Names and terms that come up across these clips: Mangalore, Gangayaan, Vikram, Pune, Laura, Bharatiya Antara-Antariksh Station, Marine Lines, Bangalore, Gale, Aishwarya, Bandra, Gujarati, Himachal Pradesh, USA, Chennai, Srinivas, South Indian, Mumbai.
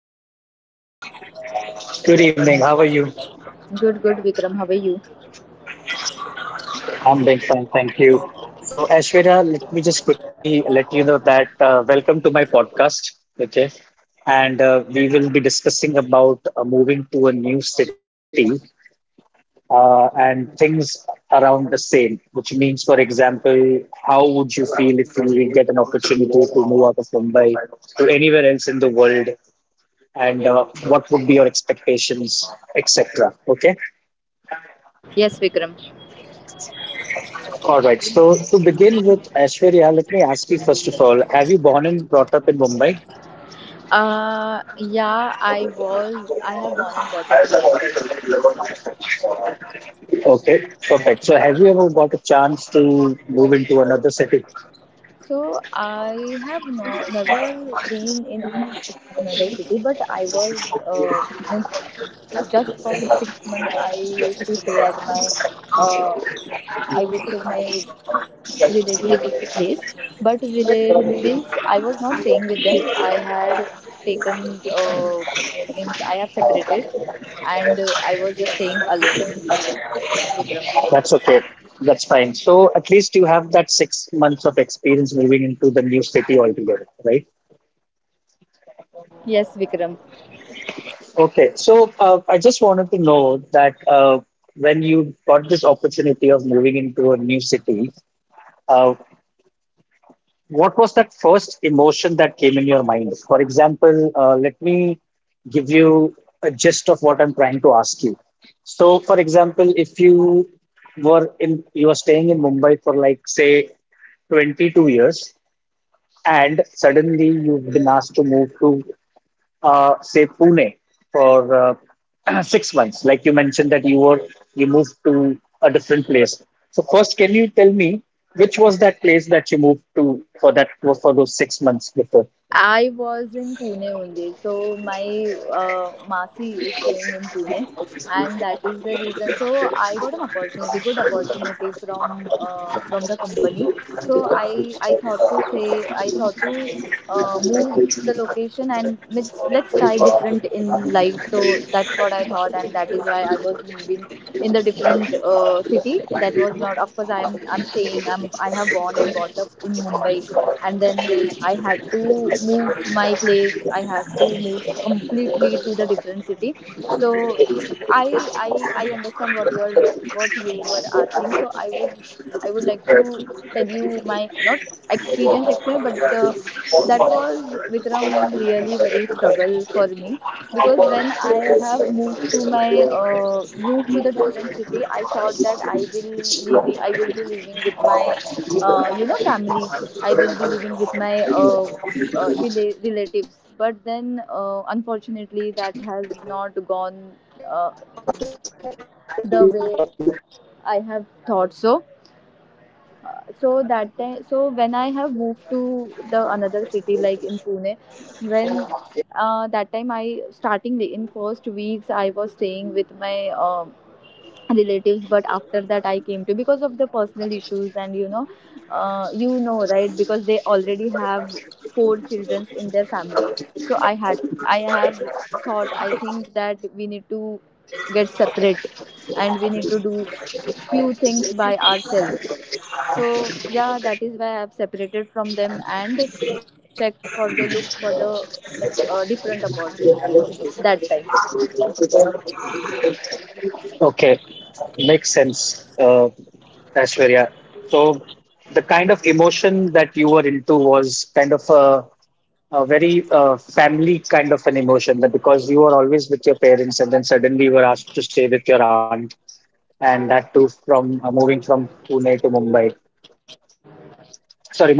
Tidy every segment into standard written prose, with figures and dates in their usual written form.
Ashwarya. Hi Vikram. Good evening. How are Good, good you? Vikram. How are you? I'm doing fine, thank you. So, Ashwarya, let me just quickly let you know that welcome to my podcast. Okay. And We will be discussing about moving to a new city and things around the same, which means, for example, how would you feel if you get an opportunity to move out of Mumbai to anywhere else in the world? And What would be your expectations, etc. Okay. Yes, Vikram. All right. So to begin with, Aishwarya, let me ask you first of all, have you born and brought up in Mumbai? Yeah, I was. I have born and brought up in Mumbai. Okay, perfect. You ever got a chance to move into another city? So I have no, never been in another city, but I was means just for 6 months. I used to stay at my. Uh, I would say my related days, but relate means I was not staying with them. I had taken means I have separated, and I was just staying alone, Vikram. That's okay. That's fine. So at least you have that 6 months of experience moving into the new city altogether, right? Yes, Vikram. Okay. So I just wanted to know that when you got this opportunity of moving into a new city, uh, what was that first emotion that came in your mind? For example, let me give you a gist of what I'm trying to ask you. So, for example, if you were in, you were staying in Mumbai for like, say, 22 years, and suddenly you've been asked to move to say Pune for 6 months? Like you mentioned that you moved to a different place. So first, can you tell me which was that place that you moved to for those 6 months before? I was in Pune only. So my Masi is staying in Pune, and that is the reason. So I got an opportunity, good opportunity from the company. So I thought to move the location, and let's try different in life. So that's what I thought, and that is why I was moving in the different city. That was not, of course. I'm staying. I have born and brought up in Mumbai, and then I had to move my place. I had to move completely to the different city. So I understand what you were asking. So I would like to tell you my not experience experience but that was, Vikram, really very struggle for me, because when I have moved to my moved to the different city, I thought that I will be living with my family. I will be living with my relatives. But then, unfortunately, that has not gone uh, the way I have thought. So, so that time, so when I have moved to the another city like in Pune, when that time I starting the in first weeks I was staying with my relatives. But after that, I came to because of the personal issues, and right, because they already have four children in their family. So I have thought, I think, that we need to get separate and we need to do few things by ourselves. So yeah, that is why I have separated from them and checked for the look for the different opportunities that time. Okay, makes sense, Aishwarya. So, the kind of emotion that you were into was kind of a very family kind of an emotion that because you were always with your parents and then suddenly you were asked to stay with your aunt, and that too from moving from Pune to Mumbai.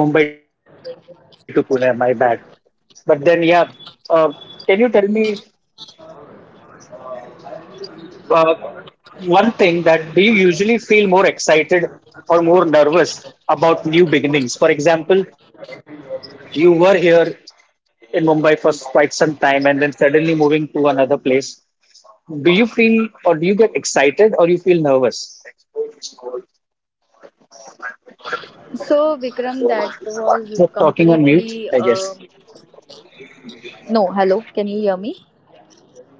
Sorry, Mumbai to Pune, my bad. But then, yeah, uh, can you tell me? uh, One thing: that do you usually feel more excited or more nervous about new beginnings? For example, you were here in Mumbai for quite some time and then suddenly moving to another place. Do you feel, or do you get excited or you feel nervous? So Vikram, that was completely. You're um, talking on mute, I guess. No, hello. Can you hear me?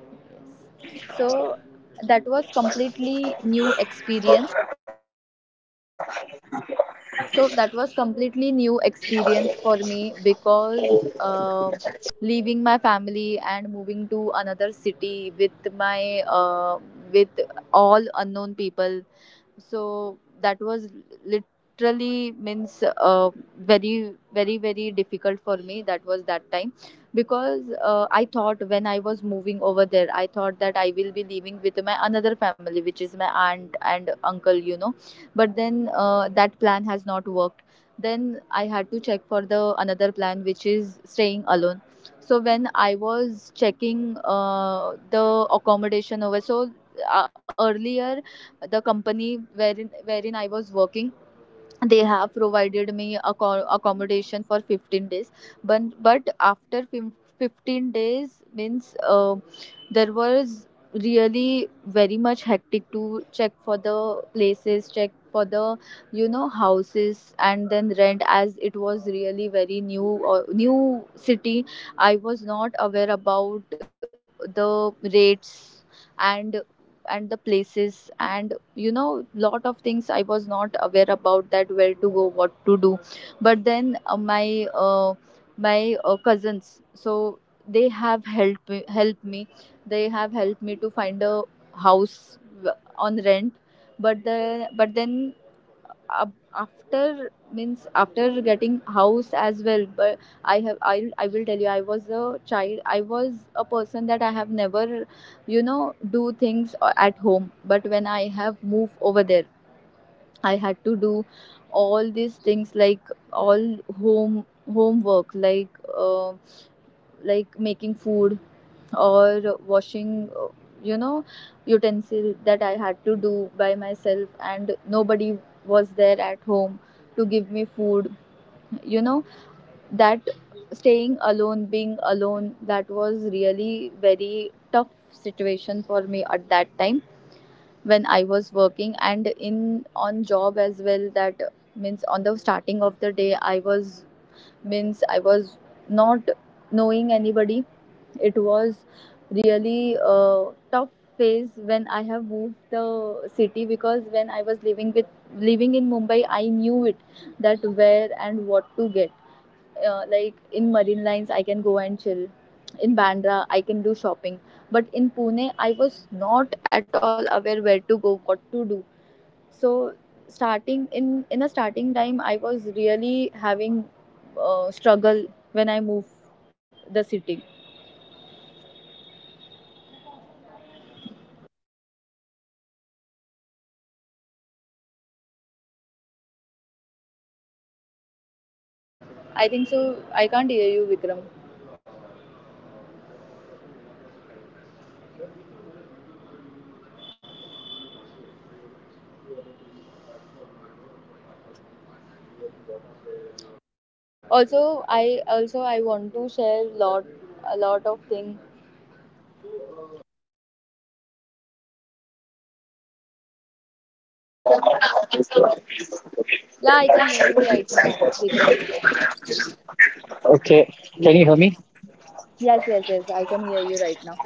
So Yeah, yes, I that can hear was you. Yes. completely new experience. So that was completely new experience for me, because uh, leaving my family and moving to another city with my with all unknown people, so that was literally means very very very difficult for me. That was that time, because I thought, when I was moving over there, I thought that I will be living with my another family, which is my aunt and uncle, you know. But then, that plan has not worked. Then I had to check for the another plan, which is staying alone. So when I was checking the accommodation over. So, earlier the company wherein I was working, they have provided me accommodation for 15 days, but after 15 days, means there was really very much hectic to check for the places, check for the houses and then rent, as it was really very new or new city. I was not aware about the rates, and and the places, and lot of things I was not aware about, that where to go, what to do. But then, my cousins, so they have helped me. They have helped me to find a house on rent. but the but then ab- after getting house as well. But I will tell you, I was a child, I was a person that I have never do things at home. But when I have moved over there, I had to do all these things, like all homework, uh, like making food or washing you know utensil, that I had to do by myself, and nobody was there at home to give me food you know that staying alone, being alone, that was really very tough situation for me at that time, when I was working and in on job as well. That means on the starting of the day, I was not knowing anybody. It was really a tough phase when I have moved the city, because when I was living in Mumbai, I knew it that where and what to get. Like in Marine Lines, I can go and chill. In Bandra, I can do shopping. But in Pune, I was not at all aware where to go, what to do. So starting in a starting time I was really having struggle when I move the city. Okay, thank you so much, Asteria, for sharing your. Can you hear me, Asteria? I think so. I can't hear you, Vikram. Well, can you hear me now? Hold on, let me just Also, check. I want to Can you hear share me now? lot a lot of things. Yeah, I can hear you right now, Vikram. Okay, can you Yes, hear yes, me? yes, I can hear you right now.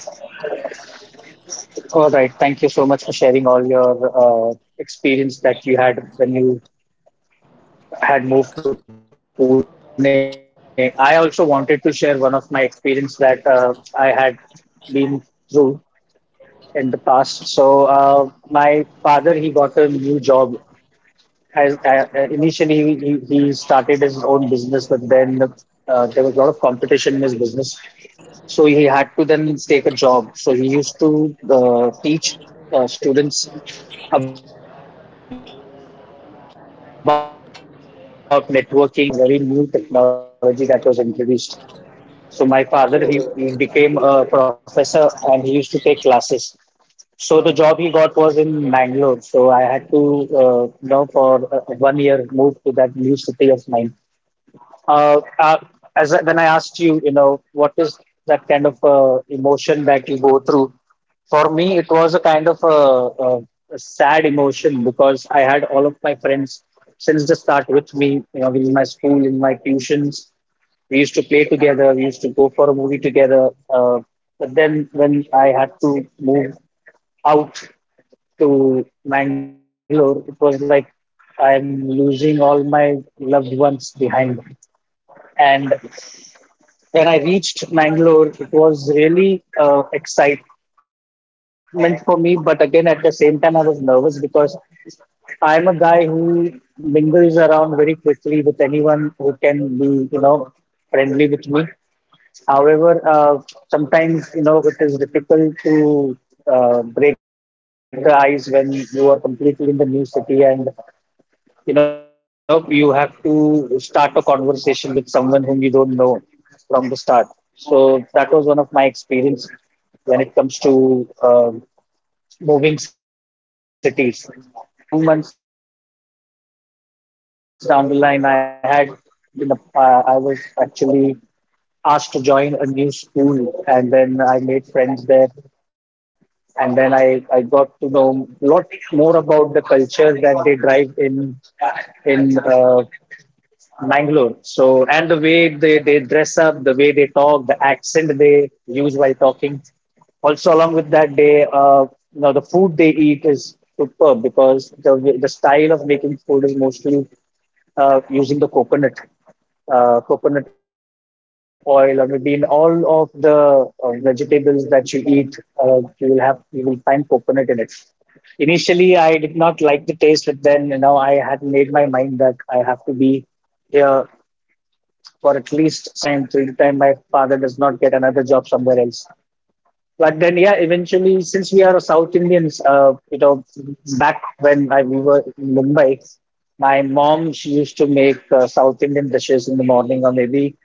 All right, thank you so much for sharing all your experience that you had when you had moved to Pune. I also wanted to share one of my experience that I had been through in the past. So my father, he got a new job as initially he started his own business, but then there was a lot of competition in his business. So he had to then take a job. So he used to teach students about networking and how computer works. Because at that time, computer was a very new technology that was introduced. So my father, he became a professor and he used to take classes. So the job he got was in Mangalore. So I had to, you know, for one year move to that new city of mine uh, uh, as I- when I asked you, you know, what is that kind of emotion that you go through? For me, it was a kind of a, a sad emotion because I had all of my friends since the start with me, you know, in my school, in my tuitions. We used to play together. We used to go for a movie together. But then when I had to move out to Mangalore, it was like I'm losing all my loved ones behind. And when I reached Mangalore, it was really excitement for me. But again, at the same time, I was nervous because I'm a guy who mingles around very quickly with anyone who can be, you know, friendly with me. However, sometimes you know it is difficult to break the ice when you are completely in the new city and you know you have to start a conversation with someone whom you don't know from the start. So that was one of my experience when it comes to um, moving cities. But then eventually, you know, after like 2 months down the line, I had, you know, I was actually asked to join a new school, and then I made friends there, and then I got to know a lot more about the culture that they drive in Bangalore. So, and the way they dress up, the way they talk, the accent they use while talking. Also, along with that, they you know the food they eat is superb because the style of making food is mostly using the coconut coconut oil, or maybe in all of the vegetables that you eat, you will find coconut in it. Initially, I did not like the taste, but then you know I had made my mind that I have to be here for at least some time my father does not get another job somewhere else. But then, yeah, eventually, since we are South Indians, you know, back when we were in Mumbai, my mom she used to make South Indian dishes in the morning or maybe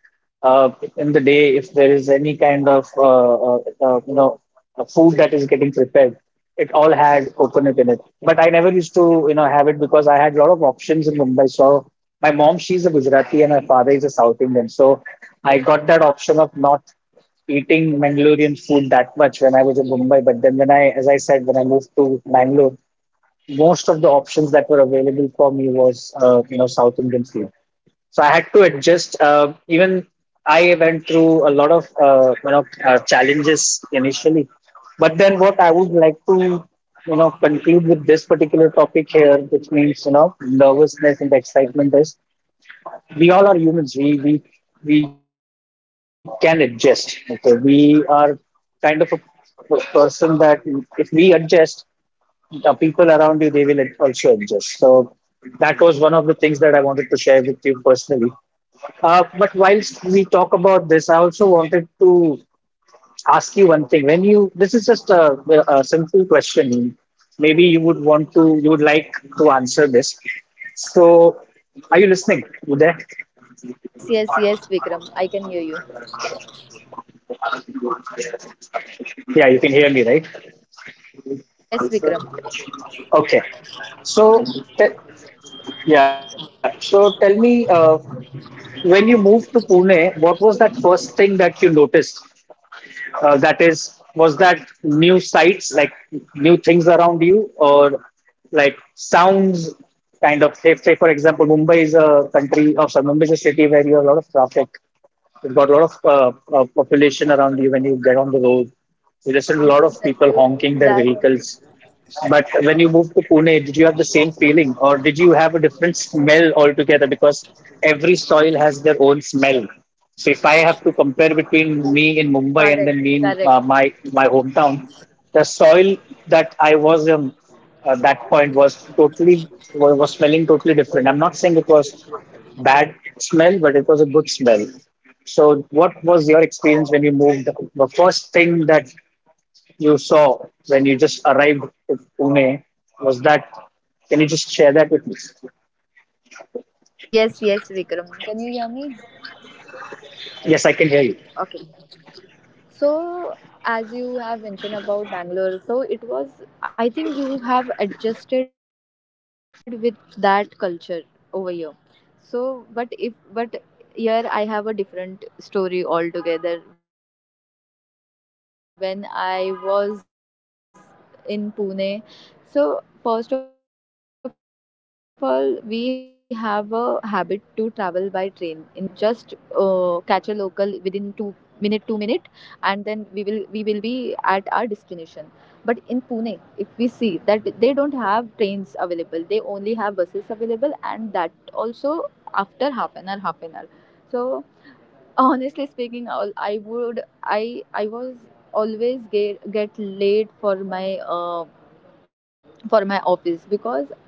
in the day if there is any kind of you know food that is getting prepared. It all had coconut in it, but I never used to you know have it because I had a lot of options in Mumbai. So my mom she's a Gujarati and my father is a South Indian, so I got that option of not eating Mangalorean food that much when I was in Mumbai. But then when I, as I said, when I moved to Bangalore, most of the options that were available for me was, you know, South Indian food. So I had to adjust. Even I went through a lot of, you know, challenges initially. But then what I would like to, you know, conclude with this particular topic here, which means, you know, nervousness and excitement is we all are humans. We can adjust. Okay, we are kind of a p- person that if we adjust, the people around you they will also adjust. So that was one of the things that I wanted to share with you personally. But whilst we talk about this, I also wanted to ask you one thing. When you this is just a simple question. Maybe you would like to answer this. So are you listening, Uday? Yes, yes, yes, Vikram, I can hear you. Yeah, you can hear me, right? Yes, Vikram. Okay. So, te- yeah. So, tell me, when you moved to Pune, what was that first thing that you noticed? That is, was that new sights, like new things around you, or like sounds? Kind of, say for example, Mumbai is a country, or sorry, Mumbai is a city where you have a lot of traffic. You've got a lot of population around you Yeah, when you yeah, get on the Vikram, I road. was going You to listen to a tell lot you of people that honking their only. vehicles. But when you moved to Pune, did you have the same feeling or did a different smell altogether? Because every soil has their own smell. So if I have to compare between Correct, me in correct. Mumbai and then me in my hometown, the soil that I was in at that point was was smelling totally different. I'm not saying it was bad smell, but it was a good smell. So, what was your experience when you moved? The first thing that you saw when you just arrived to Pune was that? Can you just share that with me? Yes, yes, Vikram, can you Yes, hear I me? can hear you. Okay. So, as you have mentioned about Bangalore, so it was, I think, you have adjusted with that culture over here. So, but if, but here I have a different story altogether. When I was in Pune, so first of all, we have a habit to travel by train in Mumbai. We have lot of locals, wherein we can just catch a local within 2 minute 2 minute, and then we will be at our destination. But in Pune, if we see that they don't have trains available, they only have buses available, and that also after half an hour half an hour. So honestly speaking, all I would I was always get late for my office, because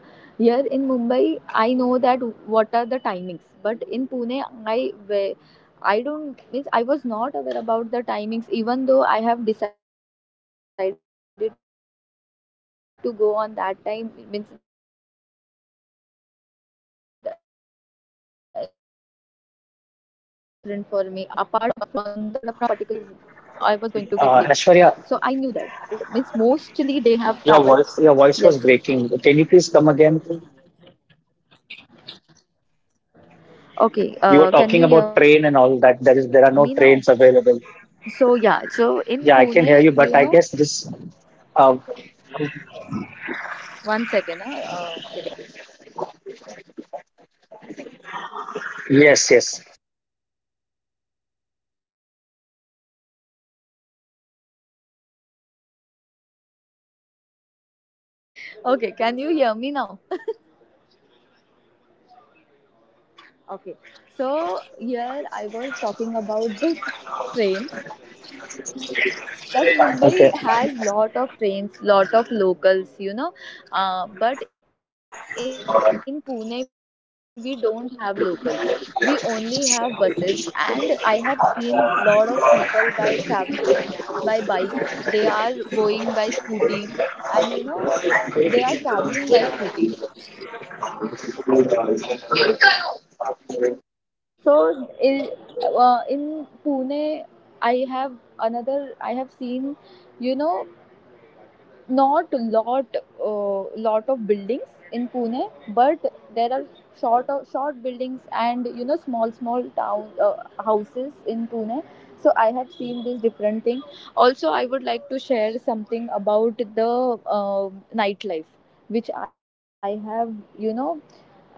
here in Mumbai I know that what are the timings. But in Pune, I wa- I don't means I was not aware about the timings. Even though I have decided to go on that time, means on the particular time, still I was going to get late, so I knew that. So that thing was different for me. Apart from that, in Pune they have only traveled, means mostly they have Aishwarya, traveled. Yes. Your voice was breaking. Can you please come again? Okay, You were can you talking hear me about now? train and all that. There are no trains available. Yeah. Yeah, I can hear you, but I So yeah, so in Pune, guess this. Um, 1 second. Huh? Uh, yes, yes, okay, can you hear me now? yes, Okay. I can hear you now. So here I was talking about this train, like Mumbai Okay, has lot of trains, lot of locals. But in Pune we don't have locals. We only have buses, and I have seen lot of people by traveling by bike. They are going by scooty, and they are traveling by scooty. So in Pune, I have another. I have seen, you know, not lot of buildings in Pune, but there are short buildings, and small small town houses in Pune. So I have seen this different thing. Also, I would like to share something about the nightlife, which i have you know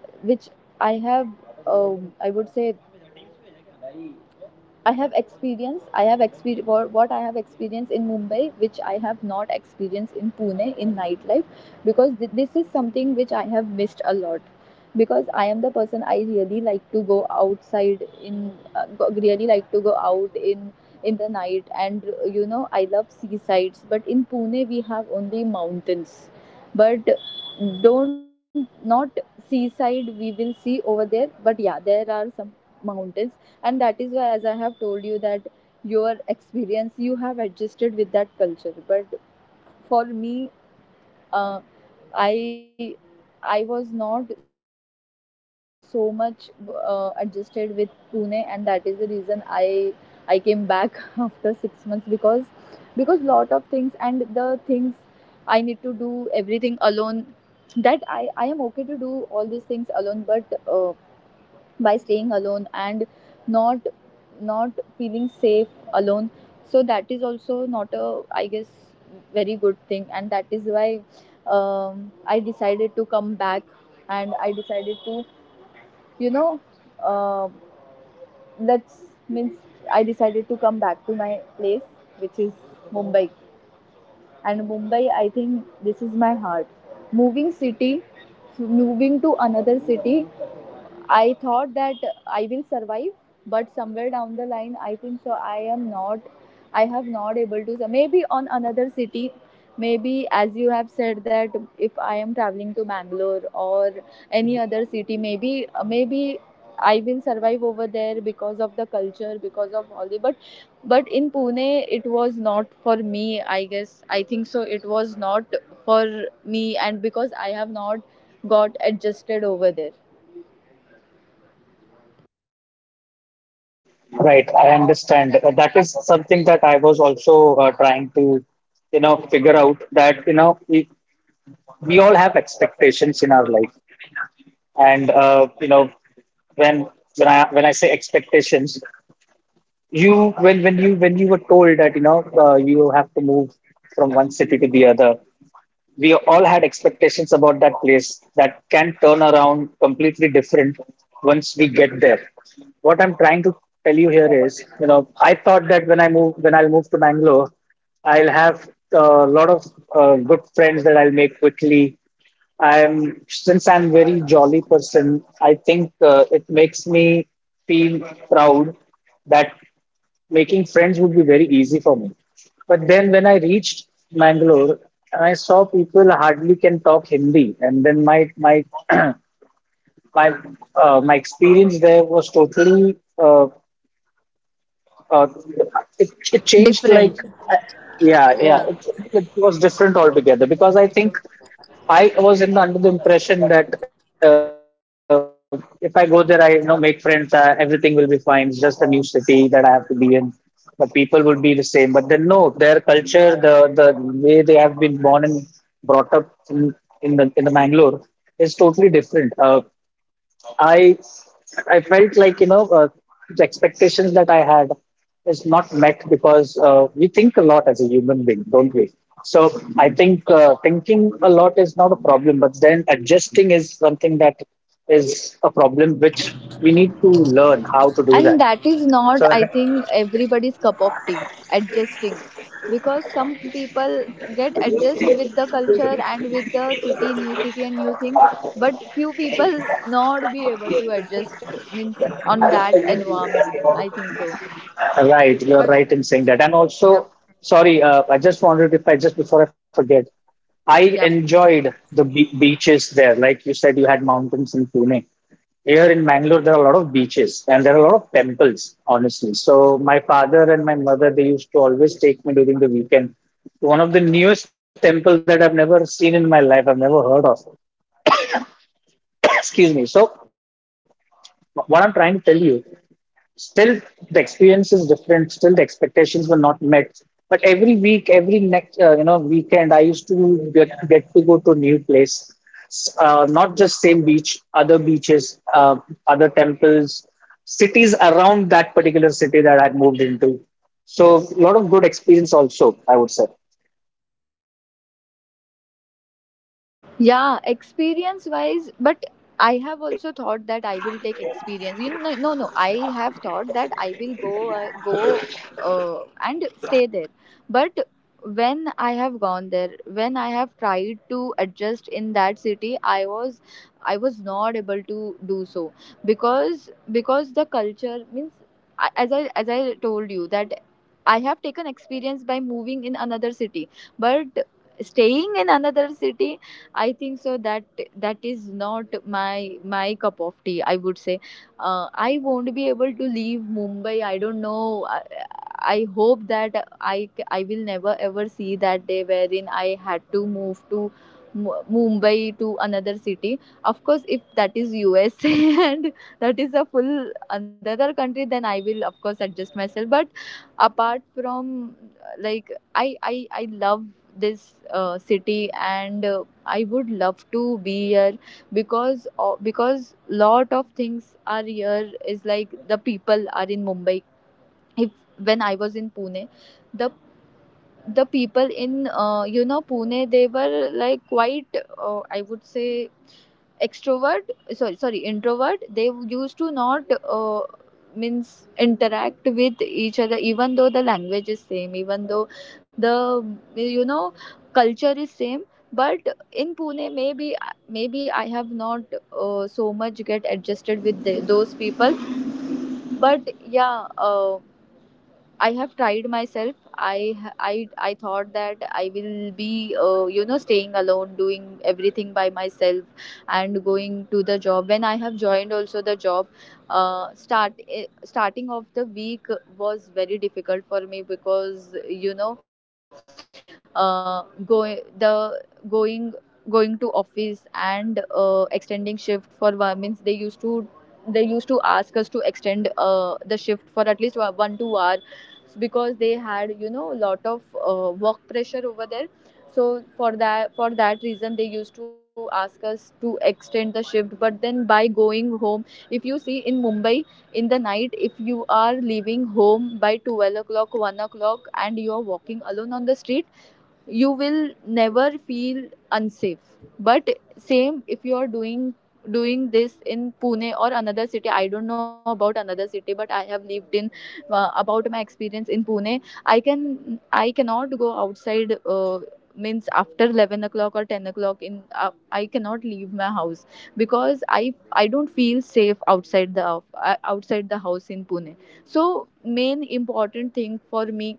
which I have I would say, I have experience what I have experienced in Mumbai, which I have not experienced in Pune in nightlife, because this is something which I have missed a lot. Because I am the person, I really like to go outside in, really like to go out in the night, and I love seasides. But in Pune we have only mountains, but don't not seaside we will see over there. But yeah, there are some mountains, and that is why, as I have told you, that your experience, you have adjusted with that culture, but for me, uh, i I was not so much adjusted with Pune. And that is the reason I came back after 6 months, because lot of things, and the things I need to do everything alone, that I am okay to do all these things alone. But by staying alone and not not feeling safe alone, so that is also not a, I guess, very good thing. And that is why, I decided to come back, and I decided to you know uh, let's means I decided to come back to my place, which is Mumbai. And Mumbai, I think, this is my heart. moving city Moving to another city, I thought that I will survive, but somewhere down the line, I think so. I am not, I have not able to. Maybe on another city, maybe as you have said that if I am traveling to Bangalore or any other city, maybe I will survive over there because of the culture, because of all the. But in Pune, it was not for me. I guess I think so. It was not for me, and because I have not got adjusted over there right. I understand. That is something that I was also trying to, figure out that we all have expectations in our life. And when I say expectations, you when told that you have to move from one city to the other. We all had expectations about that place that can turn around completely different once we get there. What I'm trying to tell you here is, I thought that when I'll move to Bangalore, I'll have a lot of good friends that I'll make quickly. I'm since i'm very jolly person, I think it makes me feel proud that making friends would be very easy for me. But then when I reached Mangalore, I saw people hardly can talk Hindi, and then my my my experience there was totally uh, it changed like. different, I- yeah, yeah, yeah. It was different altogether, because I think I was in under the impression that if I go there, I make friends, everything will be fine. It's just a new city that I have to be in. The people would be the same, but then no, their culture, the way they have been born and brought up in the Mangalore is totally different. I I felt like, the expectations that I had is not met, because we think a lot as a human being, don't we? So I think thinking a lot is not a problem, but then adjusting is something that is a problem, which we need to learn how to do And that. that is not, I So think, everybody's cup of tea adjusting, because some people get adjust with the culture and with the city, new city and new things, but few people not be able to adjust means on that environment, I think so. Right, you're But right in saying that. And yep. also, sorry, I just wanted, if I, just before I forget, I Yep. enjoyed the beaches there. Like you said, you had mountains in Pune. Here in Mangalore, there are a lot of beaches and there are a lot of temples, honestly. So my father and my mother, they used to always take me during the weekend to one of the newest temple that I've never seen in my life, I've never heard of. Excuse me. So what I'm trying to tell you, still, the experience is different. Still, the expectations were not met. But every week, every next, weekend, I used to get to go to a new place. Not just same beach, other beaches, other temples, cities around that particular city that I moved into. So a lot of good experience also, I would say. Yeah, experience wise, but I have also thought that I will take experience. You know, no, no, I have thought that I will go, go, and stay there. But when I have gone there, when I have tried to adjust in that city, I was not able to do so, because the culture means, I- as I as I told you that I have taken experience by moving in another city, but staying in another city, I think so that that is not my cup of tea. I would say I won't be able to leave Mumbai. I don't know. I hope that I will never ever see that day wherein I had to move to Mumbai to another city. Of course, if that is USA and that is a full another country, then I will of course adjust myself. But apart from, like, I love this city and I would love to be here because because lot of things are here is like the people are in Mumbai. If when I was in Pune, the the people in, you know, Pune, they were like quite, I would say, extrovert. Sorry, introvert they used to not uh, means interact with each other, even though the language is same, even though the, you know, culture is same. But in Pune, maybe maybe I have not so much get adjusted with the, those people. But yeah, I have tried myself. I I thought that I will be, you know, staying alone, doing everything by myself, and going to the job. When I have joined also the job, starting of the week was very difficult for me because, you know, uh, going the going going to office and, extending shift for one means they used to ask us to extend the shift for at least 1 to 2 hour, because they had, you know, a lot of work pressure over there. So for that reason, they used to ask us to extend the shift. But then by going home, if you see in Mumbai, in the night, if you are leaving home by 12 o'clock, 1 o'clock, and you are walking alone on the street, you will never feel unsafe. But same if you are doing this in Pune or another city. I don't know about another city, but I have lived in, about my experience in Pune, I cannot go outside, means after 11 o'clock or 10 o'clock in, I cannot leave my house because I I don't feel safe outside the, outside the house in Pune. So main important thing for me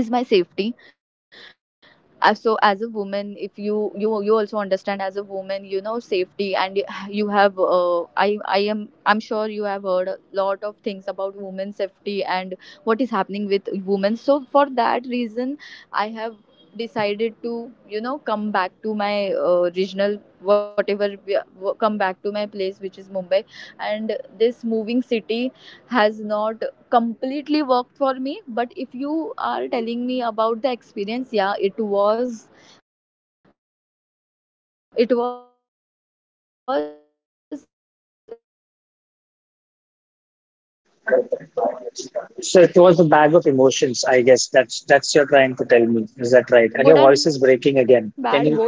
is my safety. So as a woman, if you you also understand as a woman, you know safety, and you you have, I'm sure you have heard a lot of things about women's safety and what is happening with women. So for that reason, I have decided to, you know, come back to my, original whatever, come back to my place, which is Mumbai. And this moving city has not completely worked for me. But if you are telling me about the experience, yeah, it was good and bad both experience. It was not, I would say, very very good experience, and I want to I would say I So want it to. was a bag of emotions, I guess. That's you're trying to tell me. Is that right? And your Yes. voice is breaking again. Can you?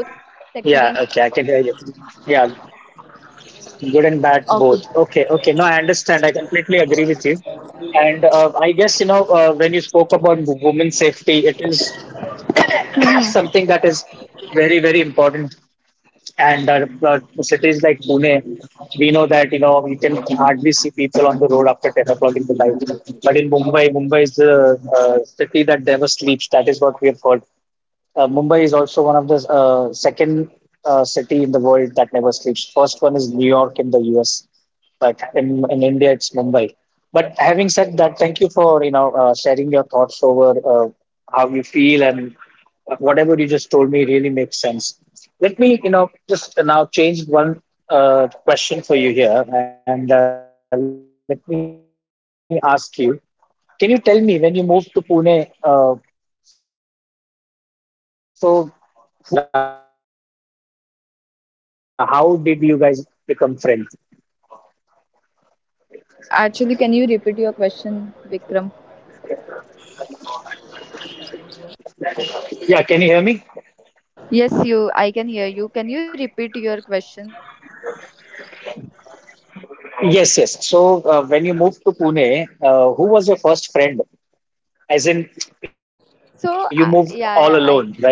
Yeah. Okay, I can hear you. Yeah. Good and bad both. Okay. Okay, okay. No, I understand. I completely agree with you. And I guess, when you spoke about women's safety, it is is very, very important. And cities like Pune, we know that, we can hardly see people on the road after 10 o'clock in the night. But in Mumbai, Mumbai is the city that never sleeps. That is what we have heard. Mumbai is also one of the second city in the world that never sleeps. First one is New York in the US, but in India it's Mumbai. But said that, thank you for sharing your thoughts over how you feel, and whatever you just told me really makes sense. Let me, just now, change one question for you here, and let me ask you: can you tell me when you moved to Pune? So, who was that first person who became your friend, and how did you guys become friends? Actually, can you repeat your question, Vikram? Yeah, can you hear me? Yes, you, I can hear you. Can you repeat your Yes, yes. So when you moved to Pune, who was your first friend? As in, you question? moved So all alone, yeah yeah right? I So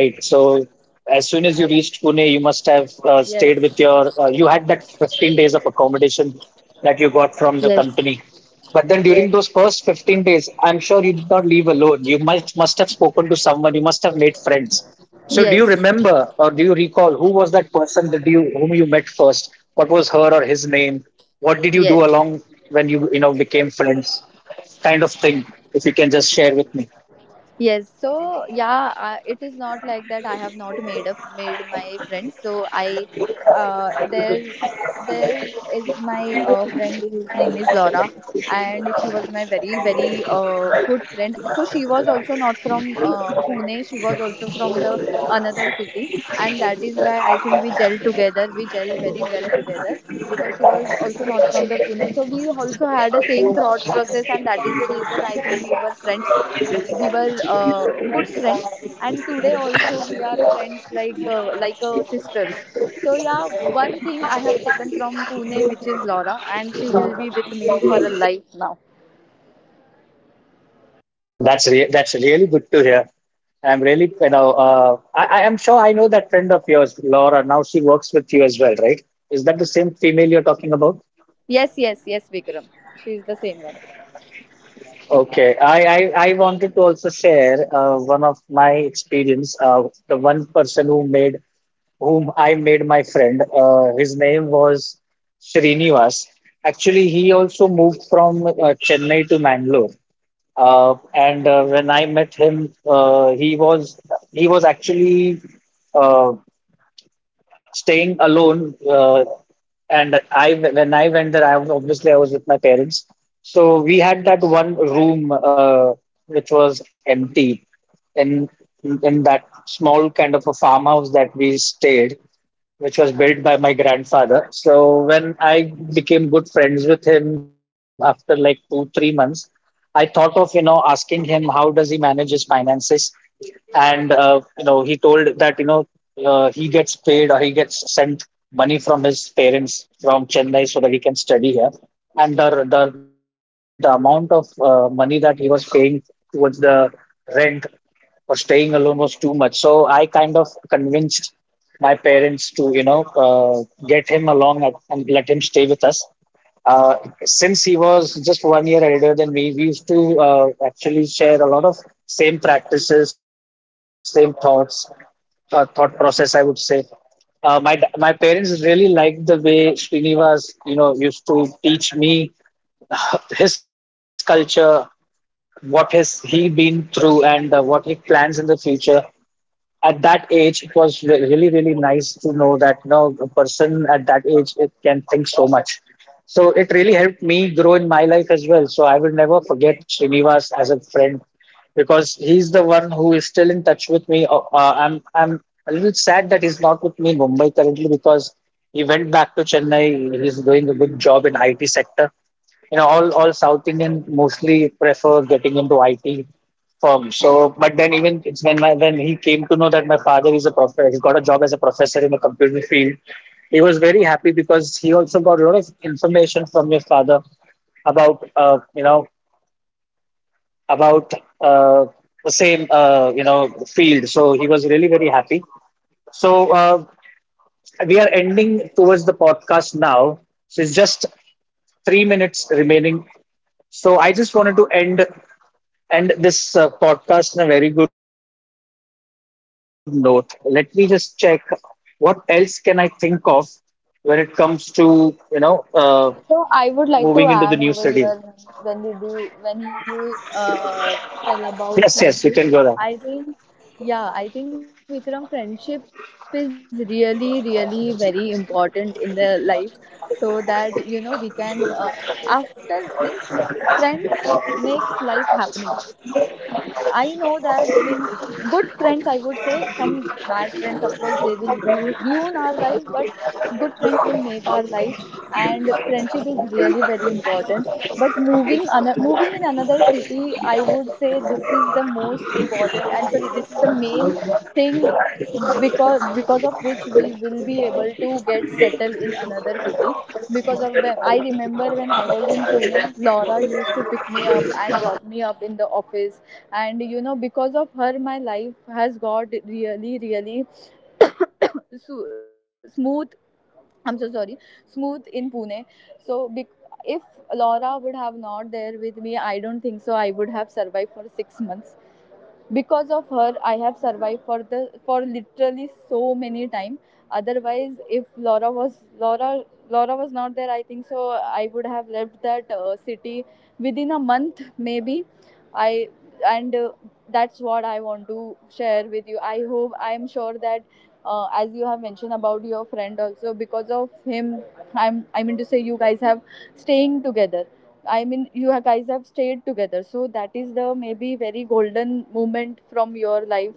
as soon as you reached Pune, you must have stayed with your, yes. you had that 15 days of accommodation that you got from the company. Yes, But then during those yes. first 15 days, I'm sure you did not leave alone. You must have spoken to someone, you must have made friends. So, do you yes remember or do you recall who was that person that you whom you met first? What was her or his name? What did yes you do along when you know became friends? Kind of thing. If you can just share with me, Yes, so yeah, it is not like that. I have not made my friends. So I, there, there is my friend whose name is Laura, and she was my very very good friend. So she was also not from, Pune. She was also from the another city, and that is why I think we gel together. We gel very well together because she was also not from the Pune. So we also had the same thought process, and that is the reason I think we were good friends. And today also, we are friends like, sisters. So yeah, one thing I have taken from Pune, which is Laura, and she will be with me for a life now. so that's really good to hear. I'm really, I am sure I know that friend of yours, Laura. Now she works with you as well, right? Is that the same female you're talking about? Yes, yes, Vikram, she is the same one. Okay, I wanted to also share one of my experience. The one person whom I made my friend, his name was Srinivas. Actually, he also moved from Chennai to Mangalore. And when I met him, he was actually uh, staying alone. Uh, and i when I went there, I was obviously I was with my parents. So we had that one room, which was empty, in that small kind of a farmhouse that we stayed, which was built by my grandfather. So when I became good friends with him after like 2 3 months, I thought of asking him how does he manage his finances. And he told that he gets paid, or he gets sent money from his parents from Chennai, so that he can study here. And the amount of money that he was paying towards the rent for staying alone was too much. So I kind of convinced my parents to get him along, and let him stay with us. uh, since he was just 1 year elder than me, we used to actually share a lot of same practices, same thoughts, thought process, I would say. My parents really liked the way Srinivas, you know, used to teach me his culture, what has he been through, and what he plans in the future. At that age, it was really really nice to know that you a person at that age it can think so much. So it really helped me grow in my life as well. So I will never forget Srinivas as a friend, because he's the one who is still in touch with me. I'm a little sad that he's not with me in Mumbai currently, because he went back to Chennai. He's doing a good job in IT sector. You know, all South Indian mostly prefer getting into IT firm. So, but then even it's when my when he came to know that my father is a professor, he's got a job as a professor in the computer field. He was very happy because he also got a lot of information from your father about uh, you know about uh, the same field. So he was really very happy. So we are ending towards the podcast now. So it's just 3 minutes remaining. So I just wanted to end this podcast on a very good note. Let me just check what else can I think of when it comes to moving into the new So city. I would like to add over here, when you, Yes, yes, you can go tell there. about friendship. I think, yeah, I think Vikram, friendship is really really very important in the life, so that, you know, we can, after means, friends makes life happening. I know that means good friends. I would say some bad friends, of course, they will ruin our life, but good friends will make our life. And friendship is really very important. But moving, moving in another city, I would say this is the most important. I'm sorry, this is the main thing, because of which we will be able to get settled in another city. Because of them, I remember when I was in Pune, Laura used to pick me up and drop me up in the office. And, you know, because of her, my life has got really really smooth. I'm so sorry, smooth in Pune. So if Laura would have not there with me, I don't think so. I would have survived for 6 months. Because of her, I have survived for the for literally so many time. Otherwise, if Laura, Laura was not there, I think so. I would have left that city within a month, maybe. I and That's what I want to share with you. I hope, I am sure that, as you have mentioned about your friend also, because of him, I'm I mean to say you guys have staying together. I mean you guys have stayed together, so that is the maybe very golden moment from your life.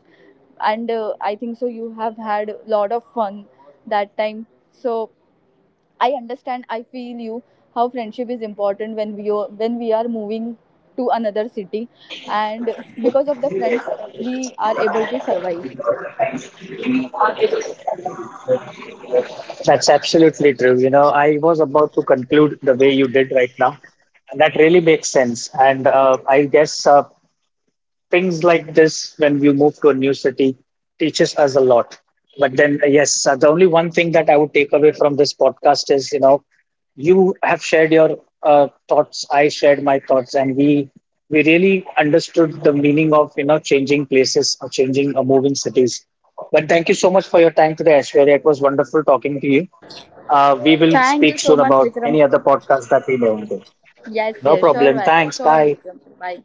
And, I think so you have had a lot of fun that time. So I understand, I feel you, how friendship is important when when we are moving to another city, and because of the friends we are able to survive. That's absolutely true. You know, I was about to conclude the way you did right now, and that really makes sense. And I guess things like this, when you move to a new city, teaches us a lot. But then yes, the only one thing that I would take away from this podcast is, you know, you have shared your my thoughts, and we really understood the meaning of, changing places, or changing or moving cities. But thank you so much for your time today, Ashwarya. It was wonderful talking to you. We will Thank speak you so soon much, about Vikram. any other podcast that we want to. Yes, No yes, sure, problem, thanks, sure, bye. Vikram. Bye.